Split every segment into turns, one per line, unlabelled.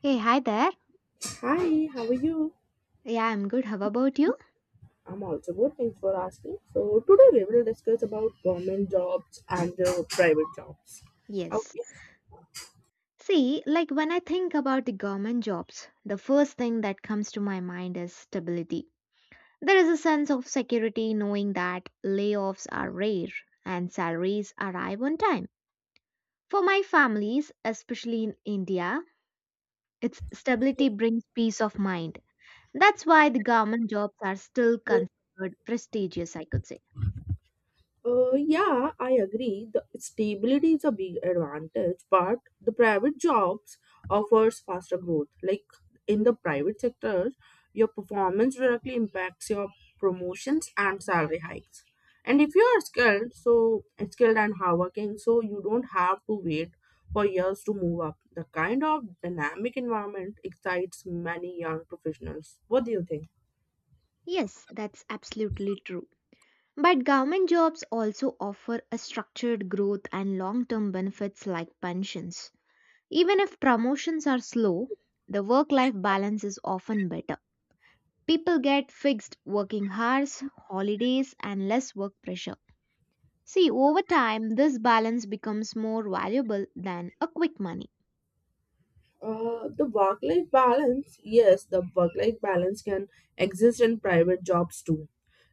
Hey, hi there.
Hi, how are you?
Yeah, I'm good. How about you?
I'm also good. Thanks for asking. So today we will discuss about government jobs and private jobs.
Yes.
Okay.
See, like when I think about the government jobs, the first thing that comes to my mind is stability. There is a sense of security knowing that layoffs are rare and salaries arrive on time. For my families, especially in India, its stability brings peace of mind. That's why the government jobs are still considered prestigious, I could say.
Yeah, I agree. The stability is a big advantage, but the private jobs offers faster growth. Like in the private sector, your performance directly impacts your promotions and salary hikes. And if you are skilled, so skilled and hardworking, so you don't have to wait for years to move up. The kind of dynamic environment excites many young professionals. What do you think?
Yes, that's absolutely true. But government jobs also offer a structured growth and long term benefits like pensions. Even if promotions are slow, the work life balance is often better. People get fixed working hours, holidays, and less work pressure. See, over time, this balance becomes more valuable than a quick money.
The work life balance, yes, the work life balance can exist in private jobs too,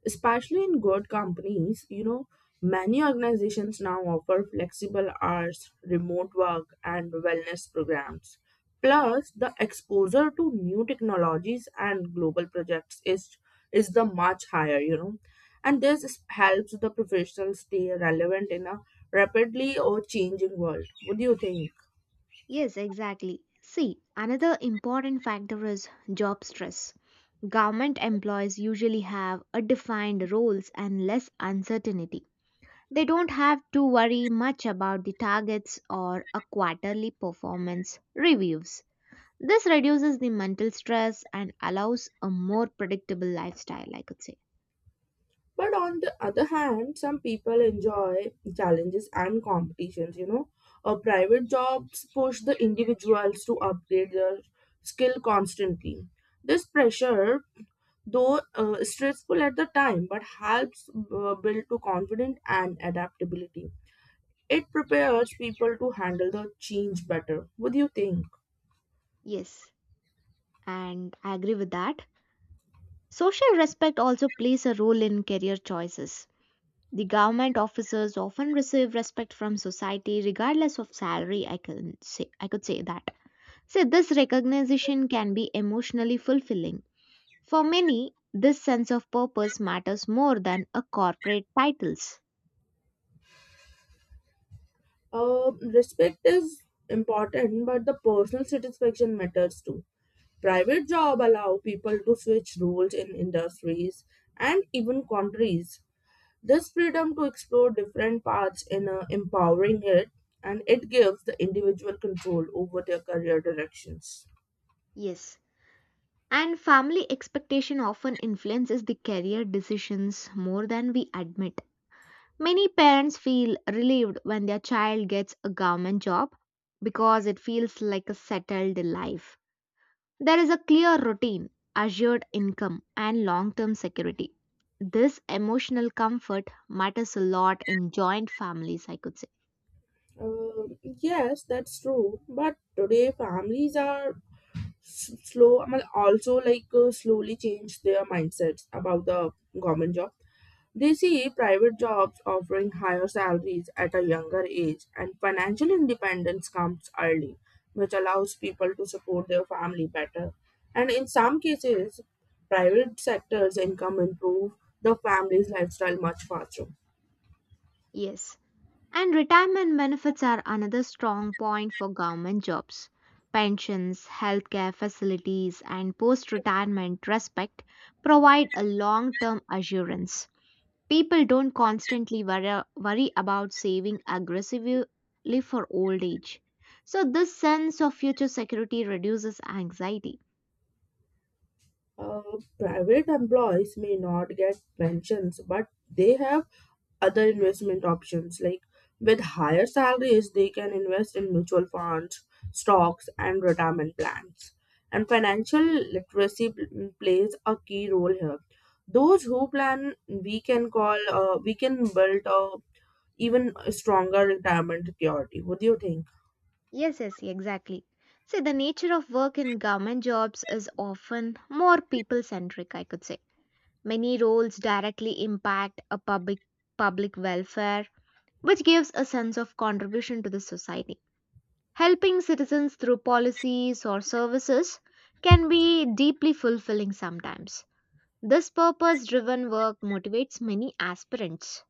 especially in good companies. Many organizations now offer flexible hours, remote work, and wellness programs. Plus, the exposure to new technologies and global projects is the much higher, and this helps the professionals stay relevant in a rapidly or changing world. What do you think?
Yes, exactly. See, another important factor is job stress. Government employees usually have a defined roles and less uncertainty. They don't have to worry much about the targets or a quarterly performance reviews. This reduces the mental stress and allows a more predictable lifestyle, I could say.
But on the other hand, some people enjoy challenges and competitions. Private jobs push the individuals to upgrade their skill constantly. This pressure, though stressful at the time, but helps build to confidence and adaptability. It prepares people to handle the change better. What do you think?
Yes, and I agree with that. Social respect also plays a role in career choices. The government officers often receive respect from society regardless of salary, I could say that. So this recognition can be emotionally fulfilling. For many, this sense of purpose matters more than a corporate titles.
Respect is important, but the personal satisfaction matters too. Private job allow people to switch roles in industries and even countries. This freedom to explore different paths in empowering it, and it gives the individual control over their career directions.
Yes, and family expectation often influences the career decisions more than we admit. Many parents feel relieved when their child gets a government job because it feels like a settled life. There is a clear routine, assured income, and long term security. This emotional comfort matters a lot in joint families, I could say.
Yes, that's true. But today, families are slow I mean, also like slowly change their mindsets about the government job. They see private jobs offering higher salaries at a younger age, and financial independence comes early, which allows people to support their family better, and in some cases, private sectors income improve the family's lifestyle much faster.
Yes. And retirement benefits are another strong point for government jobs. Pensions, healthcare facilities, and post retirement respect provide a long term assurance. People don't constantly worry about saving aggressively for old age. So, this sense of future security reduces anxiety.
Uh, Private employees may not get pensions, but they have other investment options. Like with higher salaries, they can invest in mutual funds, stocks, and retirement plans. And financial literacy plays a key role here. Those who plan, we can build a even stronger retirement security. What do you think?
Yes, yes, exactly. See, the nature of work in government jobs is often more people centric, I could say. Many roles directly impact a public welfare, which gives a sense of contribution to the society. Helping citizens through policies or services can be deeply fulfilling sometimes. This purpose driven work motivates many aspirants.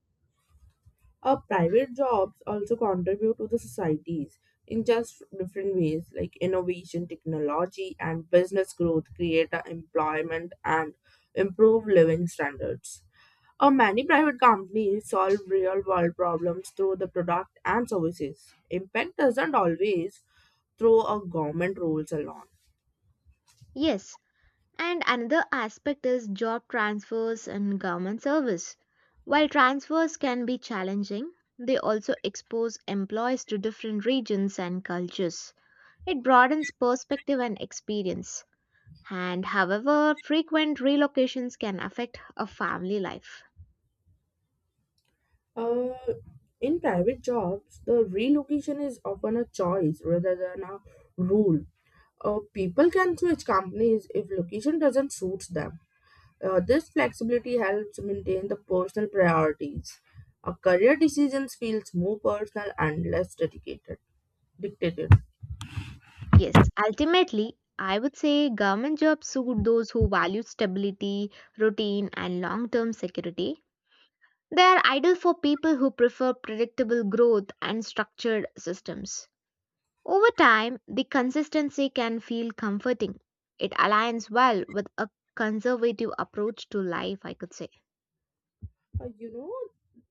Private jobs also contribute to the societies in just different ways, like innovation, technology, and business growth create a employment and improve living standards. Many private companies solve real world problems through the product and services. Impact doesn't always through a government rules alone.
Yes, and another aspect is job transfers and government service. While transfers can be challenging, they also expose employees to different regions and cultures. It broadens perspective and experience. And however, frequent relocations can affect a family life.
Uh, in private jobs, the relocation is often a choice rather than a rule. People can switch companies if location doesn't suit them. This flexibility helps maintain the personal priorities. A career decisions feels more personal and less dictated.
Yes, ultimately, I would say government jobs suit those who value stability, routine, and long term security. They are ideal for people who prefer predictable growth and structured systems. Over time, the consistency can feel comforting. It aligns well with a conservative approach to life, I could say.
Uh, you know,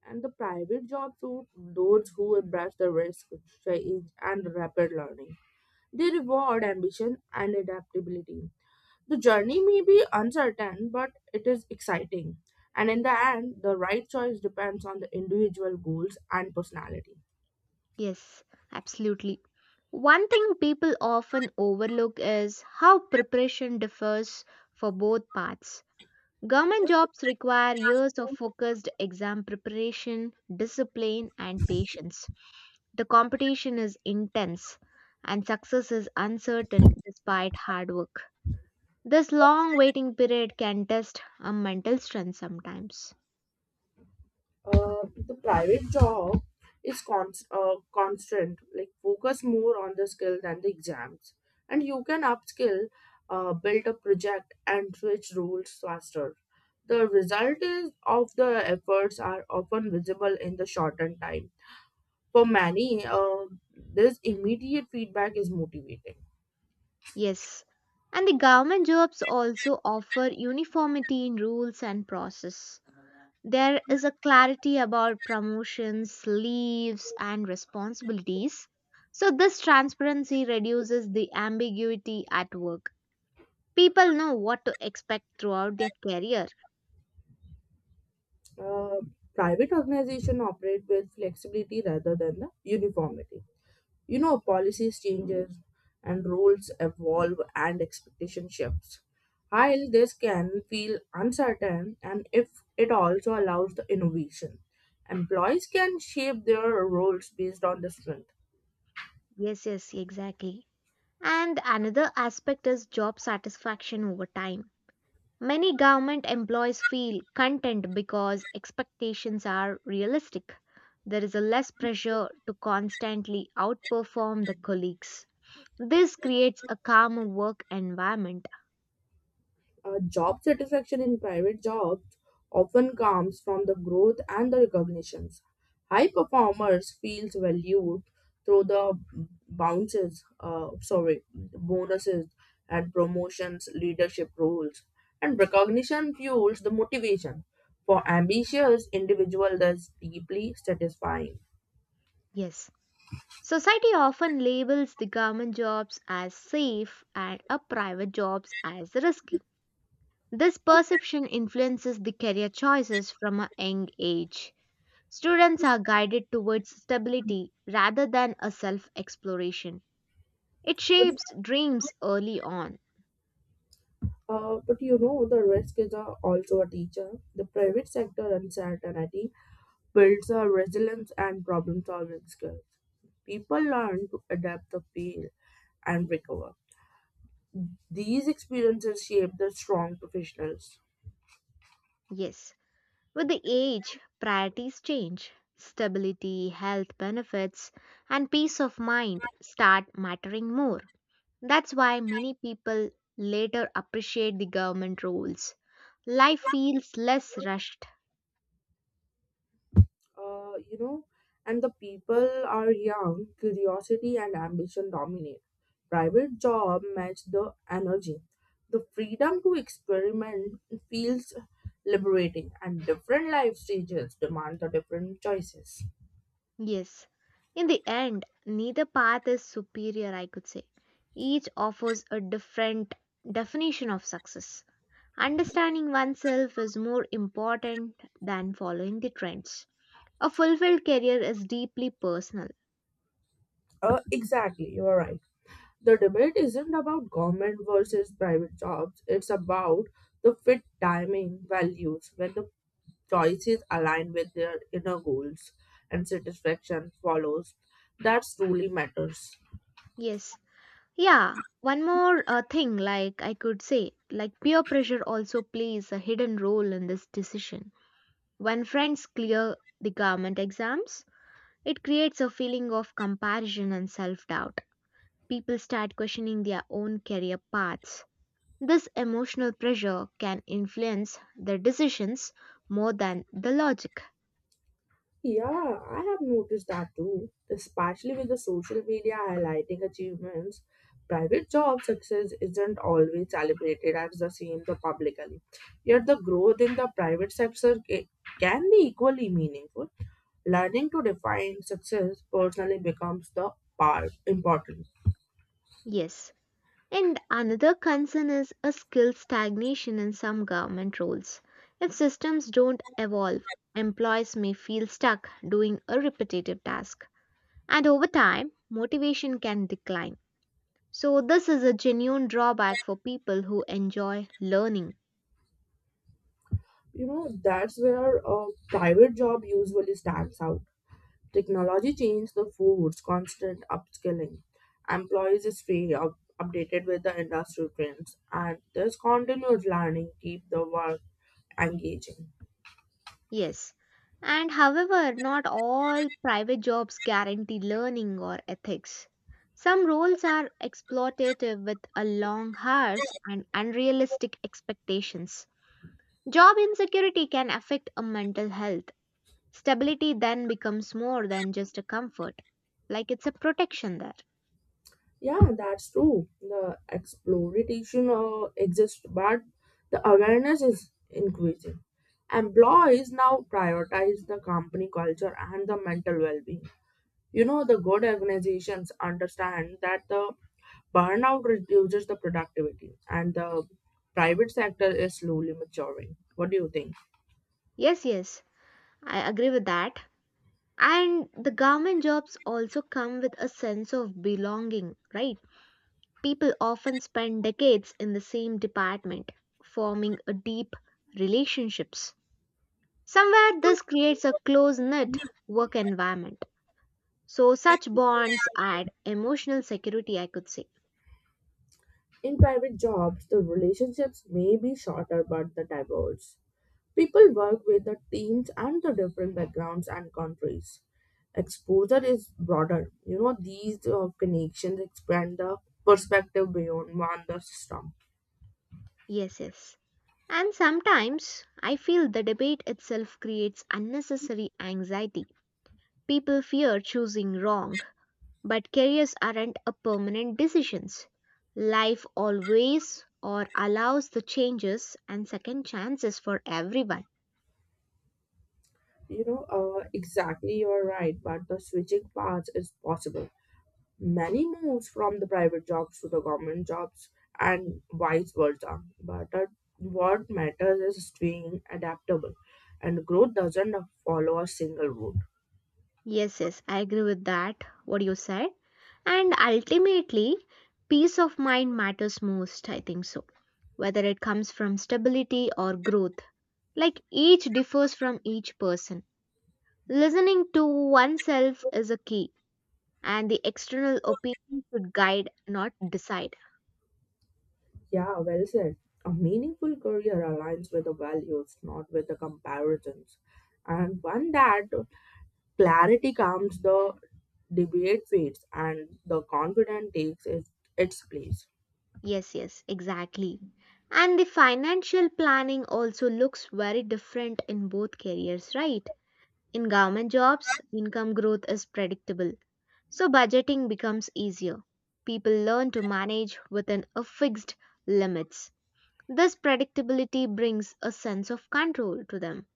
and the private jobs suit those who embrace the risk, change, and rapid learning. They reward ambition and adaptability. The journey may be uncertain, but it is exciting. And in the end, the right choice depends on the individual goals and personality.
Yes, absolutely. One thing people often overlook is how preparation differs for both paths. Government jobs require years of focused exam preparation, discipline, and patience. The competition is intense and success is uncertain despite hard work. This long waiting period can test a mental strength sometimes.
The private job is constant, like focus more on the skill than the exams. And you can upskill, build a project, and switch roles faster. The result is of the efforts are often visible in the shortened time. For many, this immediate feedback is motivating.
Yes. And the government jobs also offer uniformity in rules and process. There is a clarity about promotions, leaves, and responsibilities. So, this transparency reduces the ambiguity at work. People know what to expect throughout their career.
Uh, Private organizations operate with flexibility rather than the uniformity. Policies changes and rules evolve and expectation shifts. While this can feel uncertain, and if it also allows the innovation, employees can shape their roles based on the strength.
Yes, yes, exactly. And another aspect is job satisfaction over time. Many government employees feel content because expectations are realistic. There is a less pressure to constantly outperform the colleagues. This creates a calmer work environment.
Job satisfaction in private jobs often comes from the growth and the recognitions. High performers feels valued through the bonuses and promotions, leadership roles, and recognition fuels the motivation. For ambitious individual, that's deeply satisfying.
Yes. Society often labels the government jobs as safe and a private jobs as risky. This perception influences the career choices from a young age. Students are guided towards stability rather than a self exploration. It
But,
shapes dreams early on.
but the risk is also a teacher. The private sector uncertainty builds a resilience and problem solving skills. People learn to adapt the fail and recover. These experiences shape the strong professionals.
Yes, with the age, priorities change. Stability, health benefits, and peace of mind start mattering more. That's why many people later appreciate the government roles. Life feels less rushed.
Uh, you know, and the people are young, curiosity and ambition dominate. Private job match the energy. The freedom to experiment feels liberating, and different life stages demand the different choices.
Yes, in the end, neither path is superior, I could say. Each offers a different definition of success. Understanding oneself is more important than following the trends. A fulfilled career is deeply personal.
Exactly, you are right. The debate isn't about government versus private jobs. It's about the fit timing values when the choices align with their inner goals and satisfaction follows. That truly matters.
Yes. Yeah, one more thing, like I could say, like peer pressure also plays a hidden role in this decision. When friends clear the government exams, it creates a feeling of comparison and self doubt. People start questioning their own career paths. This emotional pressure can influence their decisions more than the logic.
Yeah, I have noticed that too, especially with the social media highlighting achievements. Private job success isn't always celebrated as the same the publicly. Yet the growth in the private sector can be equally meaningful. Learning to define success personally becomes the part important.
Yes. And another concern is a skill stagnation in some government roles. If systems don't evolve, employees may feel stuck doing a repetitive task. And over time, motivation can decline. So, this is a genuine drawback for people who enjoy learning.
That's where a private job usually stands out. Technology changed the foods, constant upskilling. Employees is free up, updated with the industry trends, and this continuous learning keep the work engaging.
Yes. And however, not all private jobs guarantee learning or ethics. Some roles are exploitative with a long hours and unrealistic expectations. Job insecurity can affect a mental health. Stability then becomes more than just a comfort, like it's a protection there.
Yeah, that's true. The exploitation exists, but the awareness is increasing. Employees now prioritize the company culture and the mental well-being. The good organizations understand that the burnout reduces the productivity, and the private sector is slowly maturing. What do you think?
Yes, yes, I agree with that. And the government jobs also come with a sense of belonging, right? People often spend decades in the same department, forming a deep relationships. Somewhere this creates a close-knit work environment. So such bonds add emotional security, I could say.
In private jobs, the relationships may be shorter but the diverse. People work with the teams and the different backgrounds and countries. Exposure is broader. These connections expand the perspective beyond one the system.
Yes, yes. And sometimes I feel the debate itself creates unnecessary anxiety. People fear choosing wrong. But careers aren't a permanent decisions. Life always or allows the changes and second chances for everyone.
Exactly, you're right, but the switching paths is possible. Many moves from the private jobs to the government jobs and vice versa. But what matters is staying adaptable, and growth doesn't follow a single route.
Yes, yes, I agree with that. What you said. And ultimately, peace of mind matters most, I think so. Whether it comes from stability or growth, like each differs from each person. Listening to oneself is a key, and the external opinion should guide, not decide.
Yeah, well said. A meaningful career aligns with the values, not with the comparisons. And one that clarity comes, the debate fades, and the confident takes its place.
Yes, yes, exactly. And the financial planning also looks very different in both careers, right? In government jobs, income growth is predictable, so budgeting becomes easier. People learn to manage within a fixed limits. This predictability brings a sense of control to them.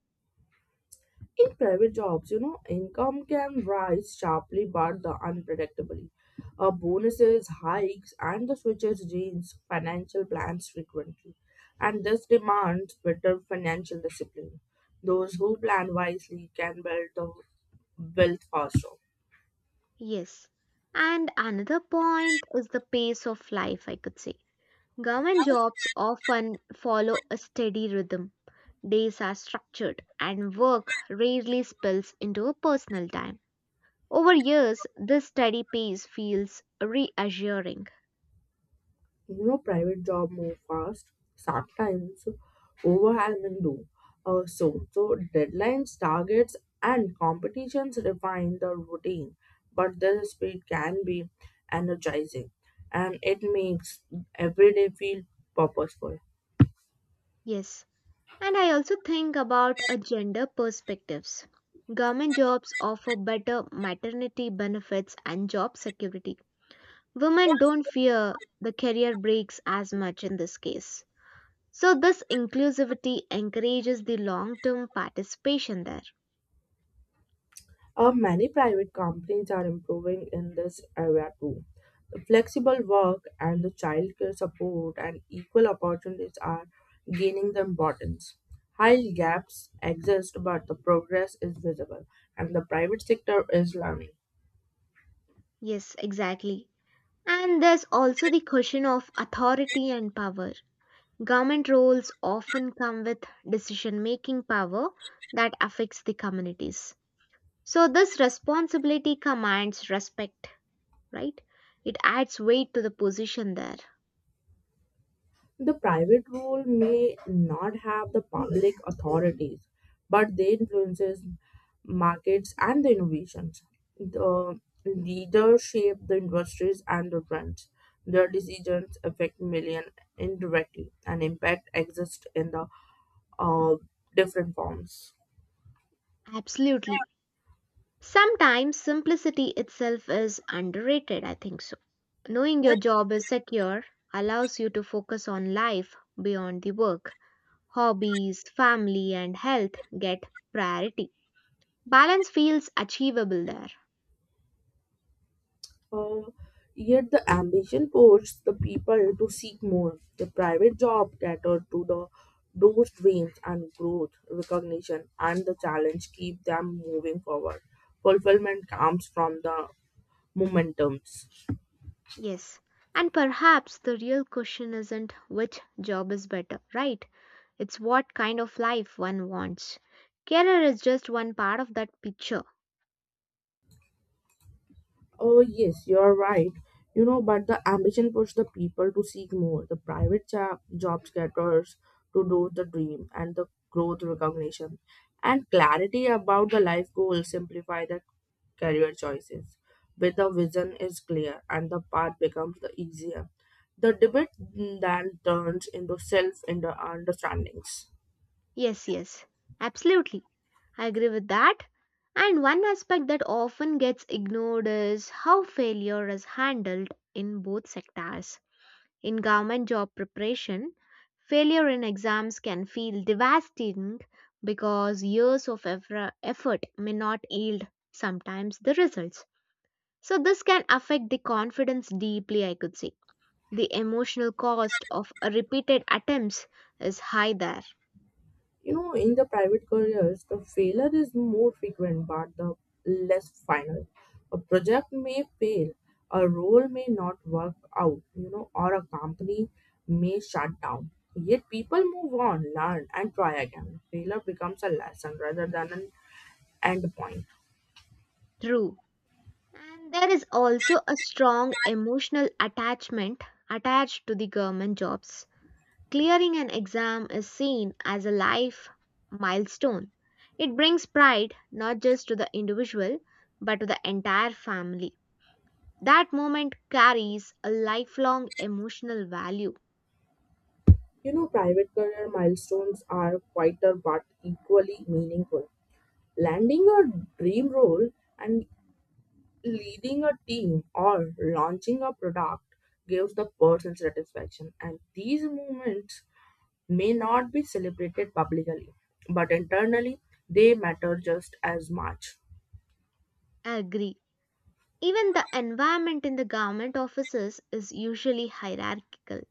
In private jobs, income can rise sharply but the unpredictably. Bonuses, hikes, and the switches change financial plans frequently, and this demands better financial discipline. Those who plan wisely can build the wealth faster.
Yes. And another point is the pace of life, I could say. Government jobs often follow a steady rhythm. Days are structured, and work rarely spills into a personal time. Over years, this steady pace feels reassuring.
Private job move fast, sometimes overwhelming. Do uh, so so deadlines, targets, and competitions refine the routine, but the speed can be energizing, and it makes every day feel purposeful.
Yes, and I also think about a gender perspectives. Government jobs offer better maternity benefits and job security. Women don't fear the career breaks as much in this case. So, this inclusivity encourages the long term participation there.
Many private companies are improving in this area too. The flexible work and the childcare support and equal opportunities are gaining the importance. While gaps exist, but the progress is visible, and the private sector is learning.
Yes, exactly. And there's also the question of authority and power. Government roles often come with decision making power that affects the communities. So, this responsibility commands respect, right? It adds weight to the position there.
The private role may not have the public authorities, but they influences markets and the innovations. The leaders shape the industries and the trends. Their decisions affect millions indirectly, and impact exists in the uh, different forms.
Absolutely. Sometimes simplicity itself is underrated, I think so. Knowing your job is secure allows you to focus on life beyond the work. Hobbies, family, and health get priority. Balance feels achievable there.
Uh, Yet the ambition pushes the people to seek more. The private job cater to the those dreams and growth, recognition, and the challenge keep them moving forward. Fulfillment comes from the momentums.
Yes. And perhaps the real question isn't which job is better, right? It's what kind of life one wants. Career is just one part of that picture.
Oh, yes, you're right. But the ambition pushed the people to seek more. The private job, getters to do the dream and the growth recognition and clarity about the life goal simplify the career choices. With the vision is clear and the path becomes the easier. The debate then turns into self understandings.
Yes, yes. Absolutely. I agree with that. And one aspect that often gets ignored is how failure is handled in both sectors. In government job preparation, failure in exams can feel devastating because years of effort may not yield sometimes the results. So, this can affect the confidence deeply, I could say. The emotional cost of a repeated attempts is high there.
In the private careers, the failure is more frequent but the less final. A project may fail, a role may not work out, or a company may shut down. Yet people move on, learn, and try again. Failure becomes a lesson rather than an end point.
True. And there is also a strong emotional attachment attached to the government jobs. Clearing an exam is seen as a life milestone. It brings pride not just to the individual but to the entire family. That moment carries a lifelong emotional value.
Private career milestones are quieter but equally meaningful. Landing a dream role and leading a team or launching a product gives the person satisfaction, and these moments may not be celebrated publicly, but internally they matter just as much.
I agree. Even the environment in the government offices is usually hierarchical.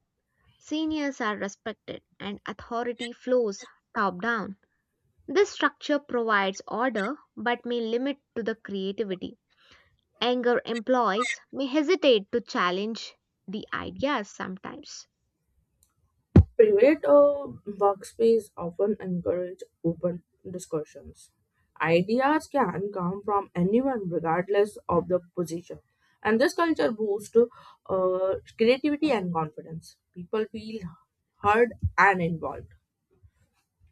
Seniors are respected and authority flows top down. This structure provides order but may limit to the creativity. Anger employees may hesitate to challenge the ideas sometimes.
Private workspace often encourage open discussions. Ideas can come from anyone regardless of the position, and this culture boosts creativity and confidence. People feel heard and involved.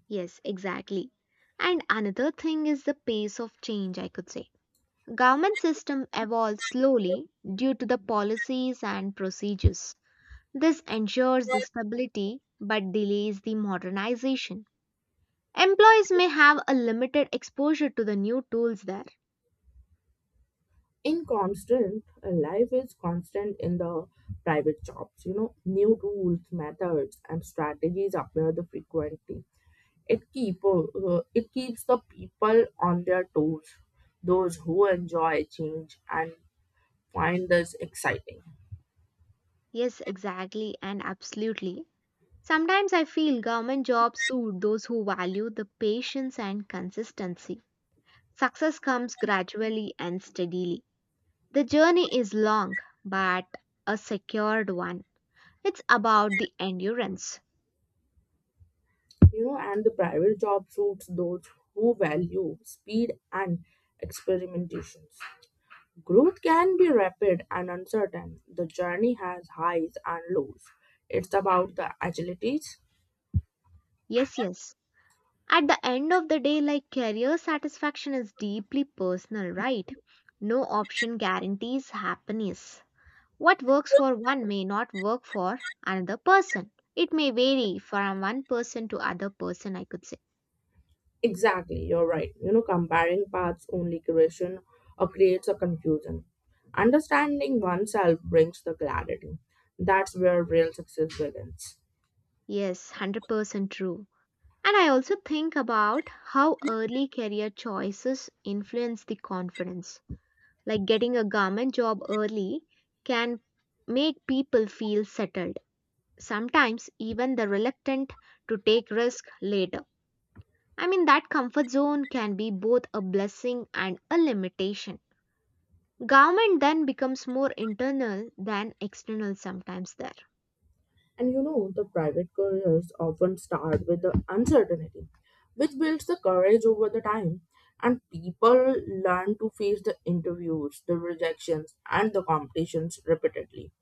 Yes, exactly. And another thing is the pace of change, I could say. Government system evolves slowly due to the policies and procedures. This ensures the stability but delays the modernization. Employees may have a limited exposure to the new tools there.
Inconstant life is constant in the private jobs. New rules, methods, and strategies appear the frequently. It keep uh, uh, it keeps the people on their toes. Those who enjoy change and find this exciting.
Yes, exactly and absolutely. Sometimes I feel government jobs suit those who value the patience and consistency. Success comes gradually and steadily. The journey is long, but a secured one. It's about the endurance.
And the private job suits those who value speed and experimentations. Growth can be rapid and uncertain. The journey has highs and lows. It's about the agilities.
Yes, yes. At the end of the day, like career satisfaction is deeply personal, right? No option guarantees happiness. What works for one may not work for another person. It may vary from one person to other person, I could say.
Exactly, you're right. Comparing paths only creation or creates a confusion. Understanding oneself brings the clarity. That's where real success begins.
Yes, 100% true. And I also think about how early career choices influence the confidence. Like getting a government job early can make people feel settled, sometimes even the reluctant to take risk later. I mean that comfort zone can be both a blessing and a limitation. Government then becomes more internal than external sometimes there.
And the private careers often start with the uncertainty, which builds the courage over the time. And people learn to face the interviews, the rejections, and the competitions repeatedly.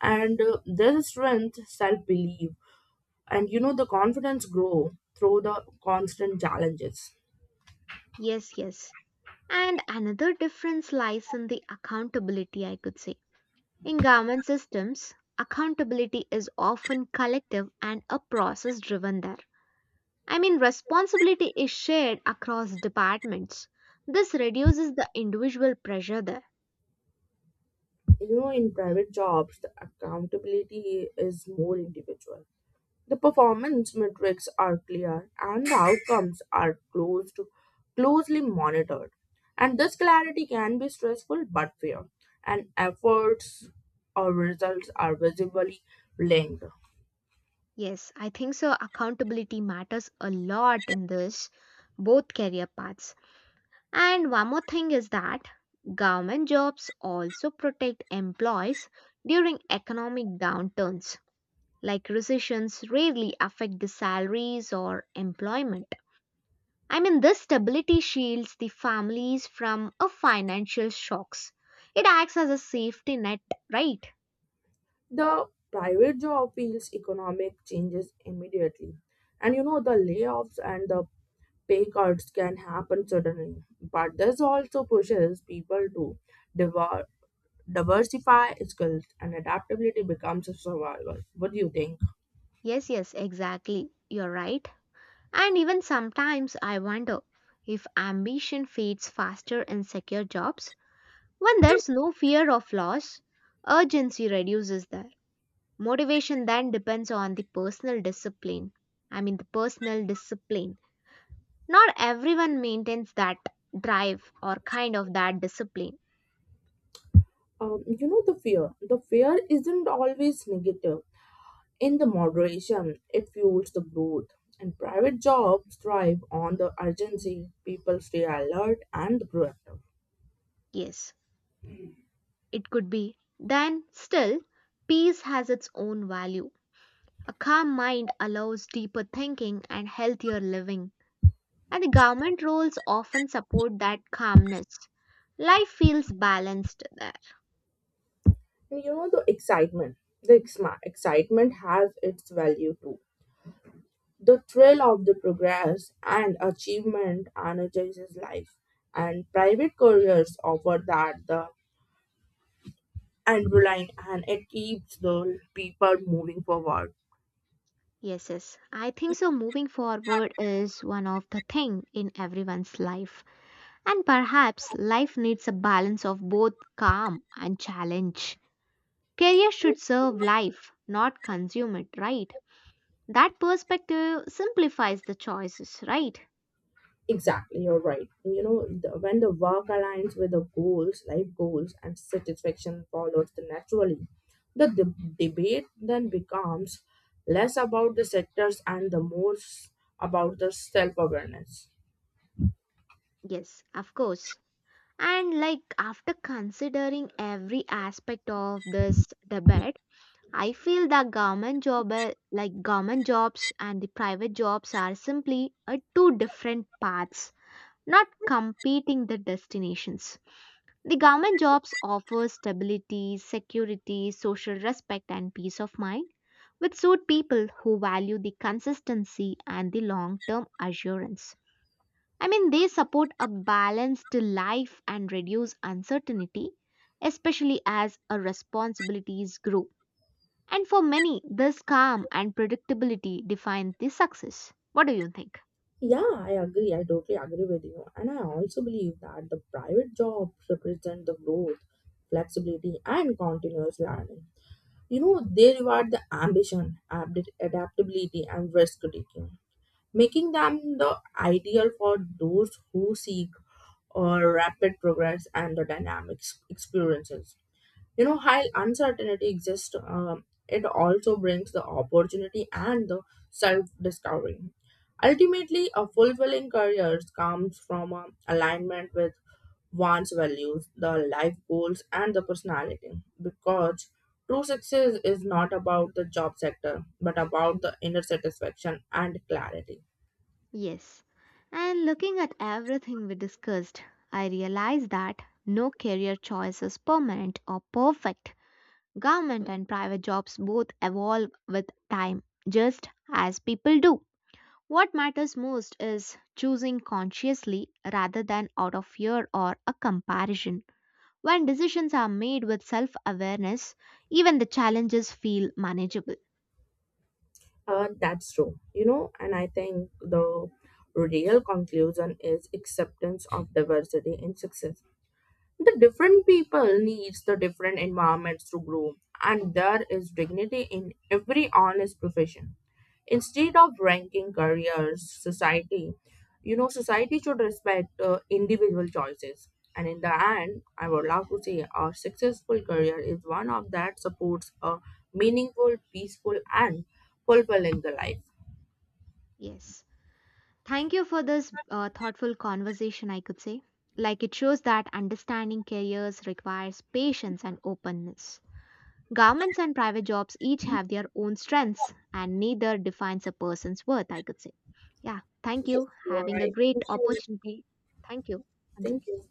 And there's strength, self belief, and the confidence grow through the constant challenges.
Yes, yes. And another difference lies in the accountability, I could say. In government systems, accountability is often collective and a process driven there. I mean, responsibility is shared across departments. This reduces the individual pressure there.
In private jobs, the accountability is more individual. The performance metrics are clear and the outcomes are closely monitored. And this clarity can be stressful but fair, and efforts or results are visibly linked.
Yes, I think so. Accountability matters a lot in this, both career paths. And one more thing is that government jobs also protect employees during economic downturns like recessions rarely affect the salaries or employment. I mean, this stability shields the families from a financial shocks. It acts as a safety net, right?
The private job feels economic changes immediately. And the layoffs and the pay cuts can happen suddenly, but this also pushes people to devour, diversify skills, and adaptability becomes a survival. What do you think?
Yes, yes, exactly. You're right. And even sometimes I wonder if ambition fades faster in secure jobs. When there's no fear of loss, urgency reduces there. Motivation then depends on the personal discipline. I mean, the personal discipline. Not everyone maintains that drive or kind of that discipline.
The fear isn't always negative in the moderation, it fuels the growth, and private jobs thrive on the urgency, people stay alert and proactive.
Yes, it could be. Then, still, peace has its own value. A calm mind allows deeper thinking and healthier living, and the government roles often support that calmness. Life feels balanced there.
And the excitement has its value too. The thrill of the progress and achievement energizes life. And private careers offer that the and reliant, and it keeps the people moving forward.
Yes, yes. I think so. Moving forward is one of the thing in everyone's life, and perhaps life needs a balance of both calm and challenge. Career should serve life, not consume it, right? That perspective simplifies the choices, right?
Exactly, you're right. When the work aligns with the goals, life goals, and satisfaction follows the naturally. The debate then becomes less about the sectors and the more about the self-awareness.
Yes, of course. And like after considering every aspect of this debate, I feel that government jobs and the private jobs are simply two different paths, not competing the destinations. The government jobs offer stability, security, social respect and peace of mind which suit people who value the consistency and the long term assurance. I mean, they support a balanced life and reduce uncertainty, especially as our responsibilities grow. And for many, this calm and predictability define the success. What do you think?
Yeah, I agree. I totally agree with you, and I also believe that the private jobs represent the growth, flexibility, and continuous learning. They reward the ambition, adaptability, and risk taking, making them the ideal for those who seek or rapid progress and the dynamic experiences. While uncertainty exists, it also brings the opportunity and the self discovery. Ultimately, a fulfilling career comes from alignment with one's values, the life goals, and the personality. Because true success is not about the job sector, but about the inner satisfaction and clarity.
Yes. And looking at everything we discussed, I realize that no career choice is permanent or perfect. Government and private jobs both evolve with time, just as people do. What matters most is choosing consciously rather than out of fear or a comparison. When decisions are made with self awareness, even the challenges feel manageable.
That's true, and I think the real conclusion is acceptance of diversity in success. The different people needs the different environments to grow, and there is dignity in every honest profession. Instead of ranking careers society you know society should respect individual choices. And in the end, I would love to say a successful career is one of that supports a meaningful, peaceful, and fulfilling the life.
Yes. Thank you for this thoughtful conversation, I could say. Like it shows that understanding careers requires patience and openness. Governments and private jobs each have their own strengths, and neither defines a person's worth, I could say. Yeah, thank
Yes,
you.
you are
Having a
right. Thank
great
you.
opportunity. Thank you. Once
Thank
again.
you.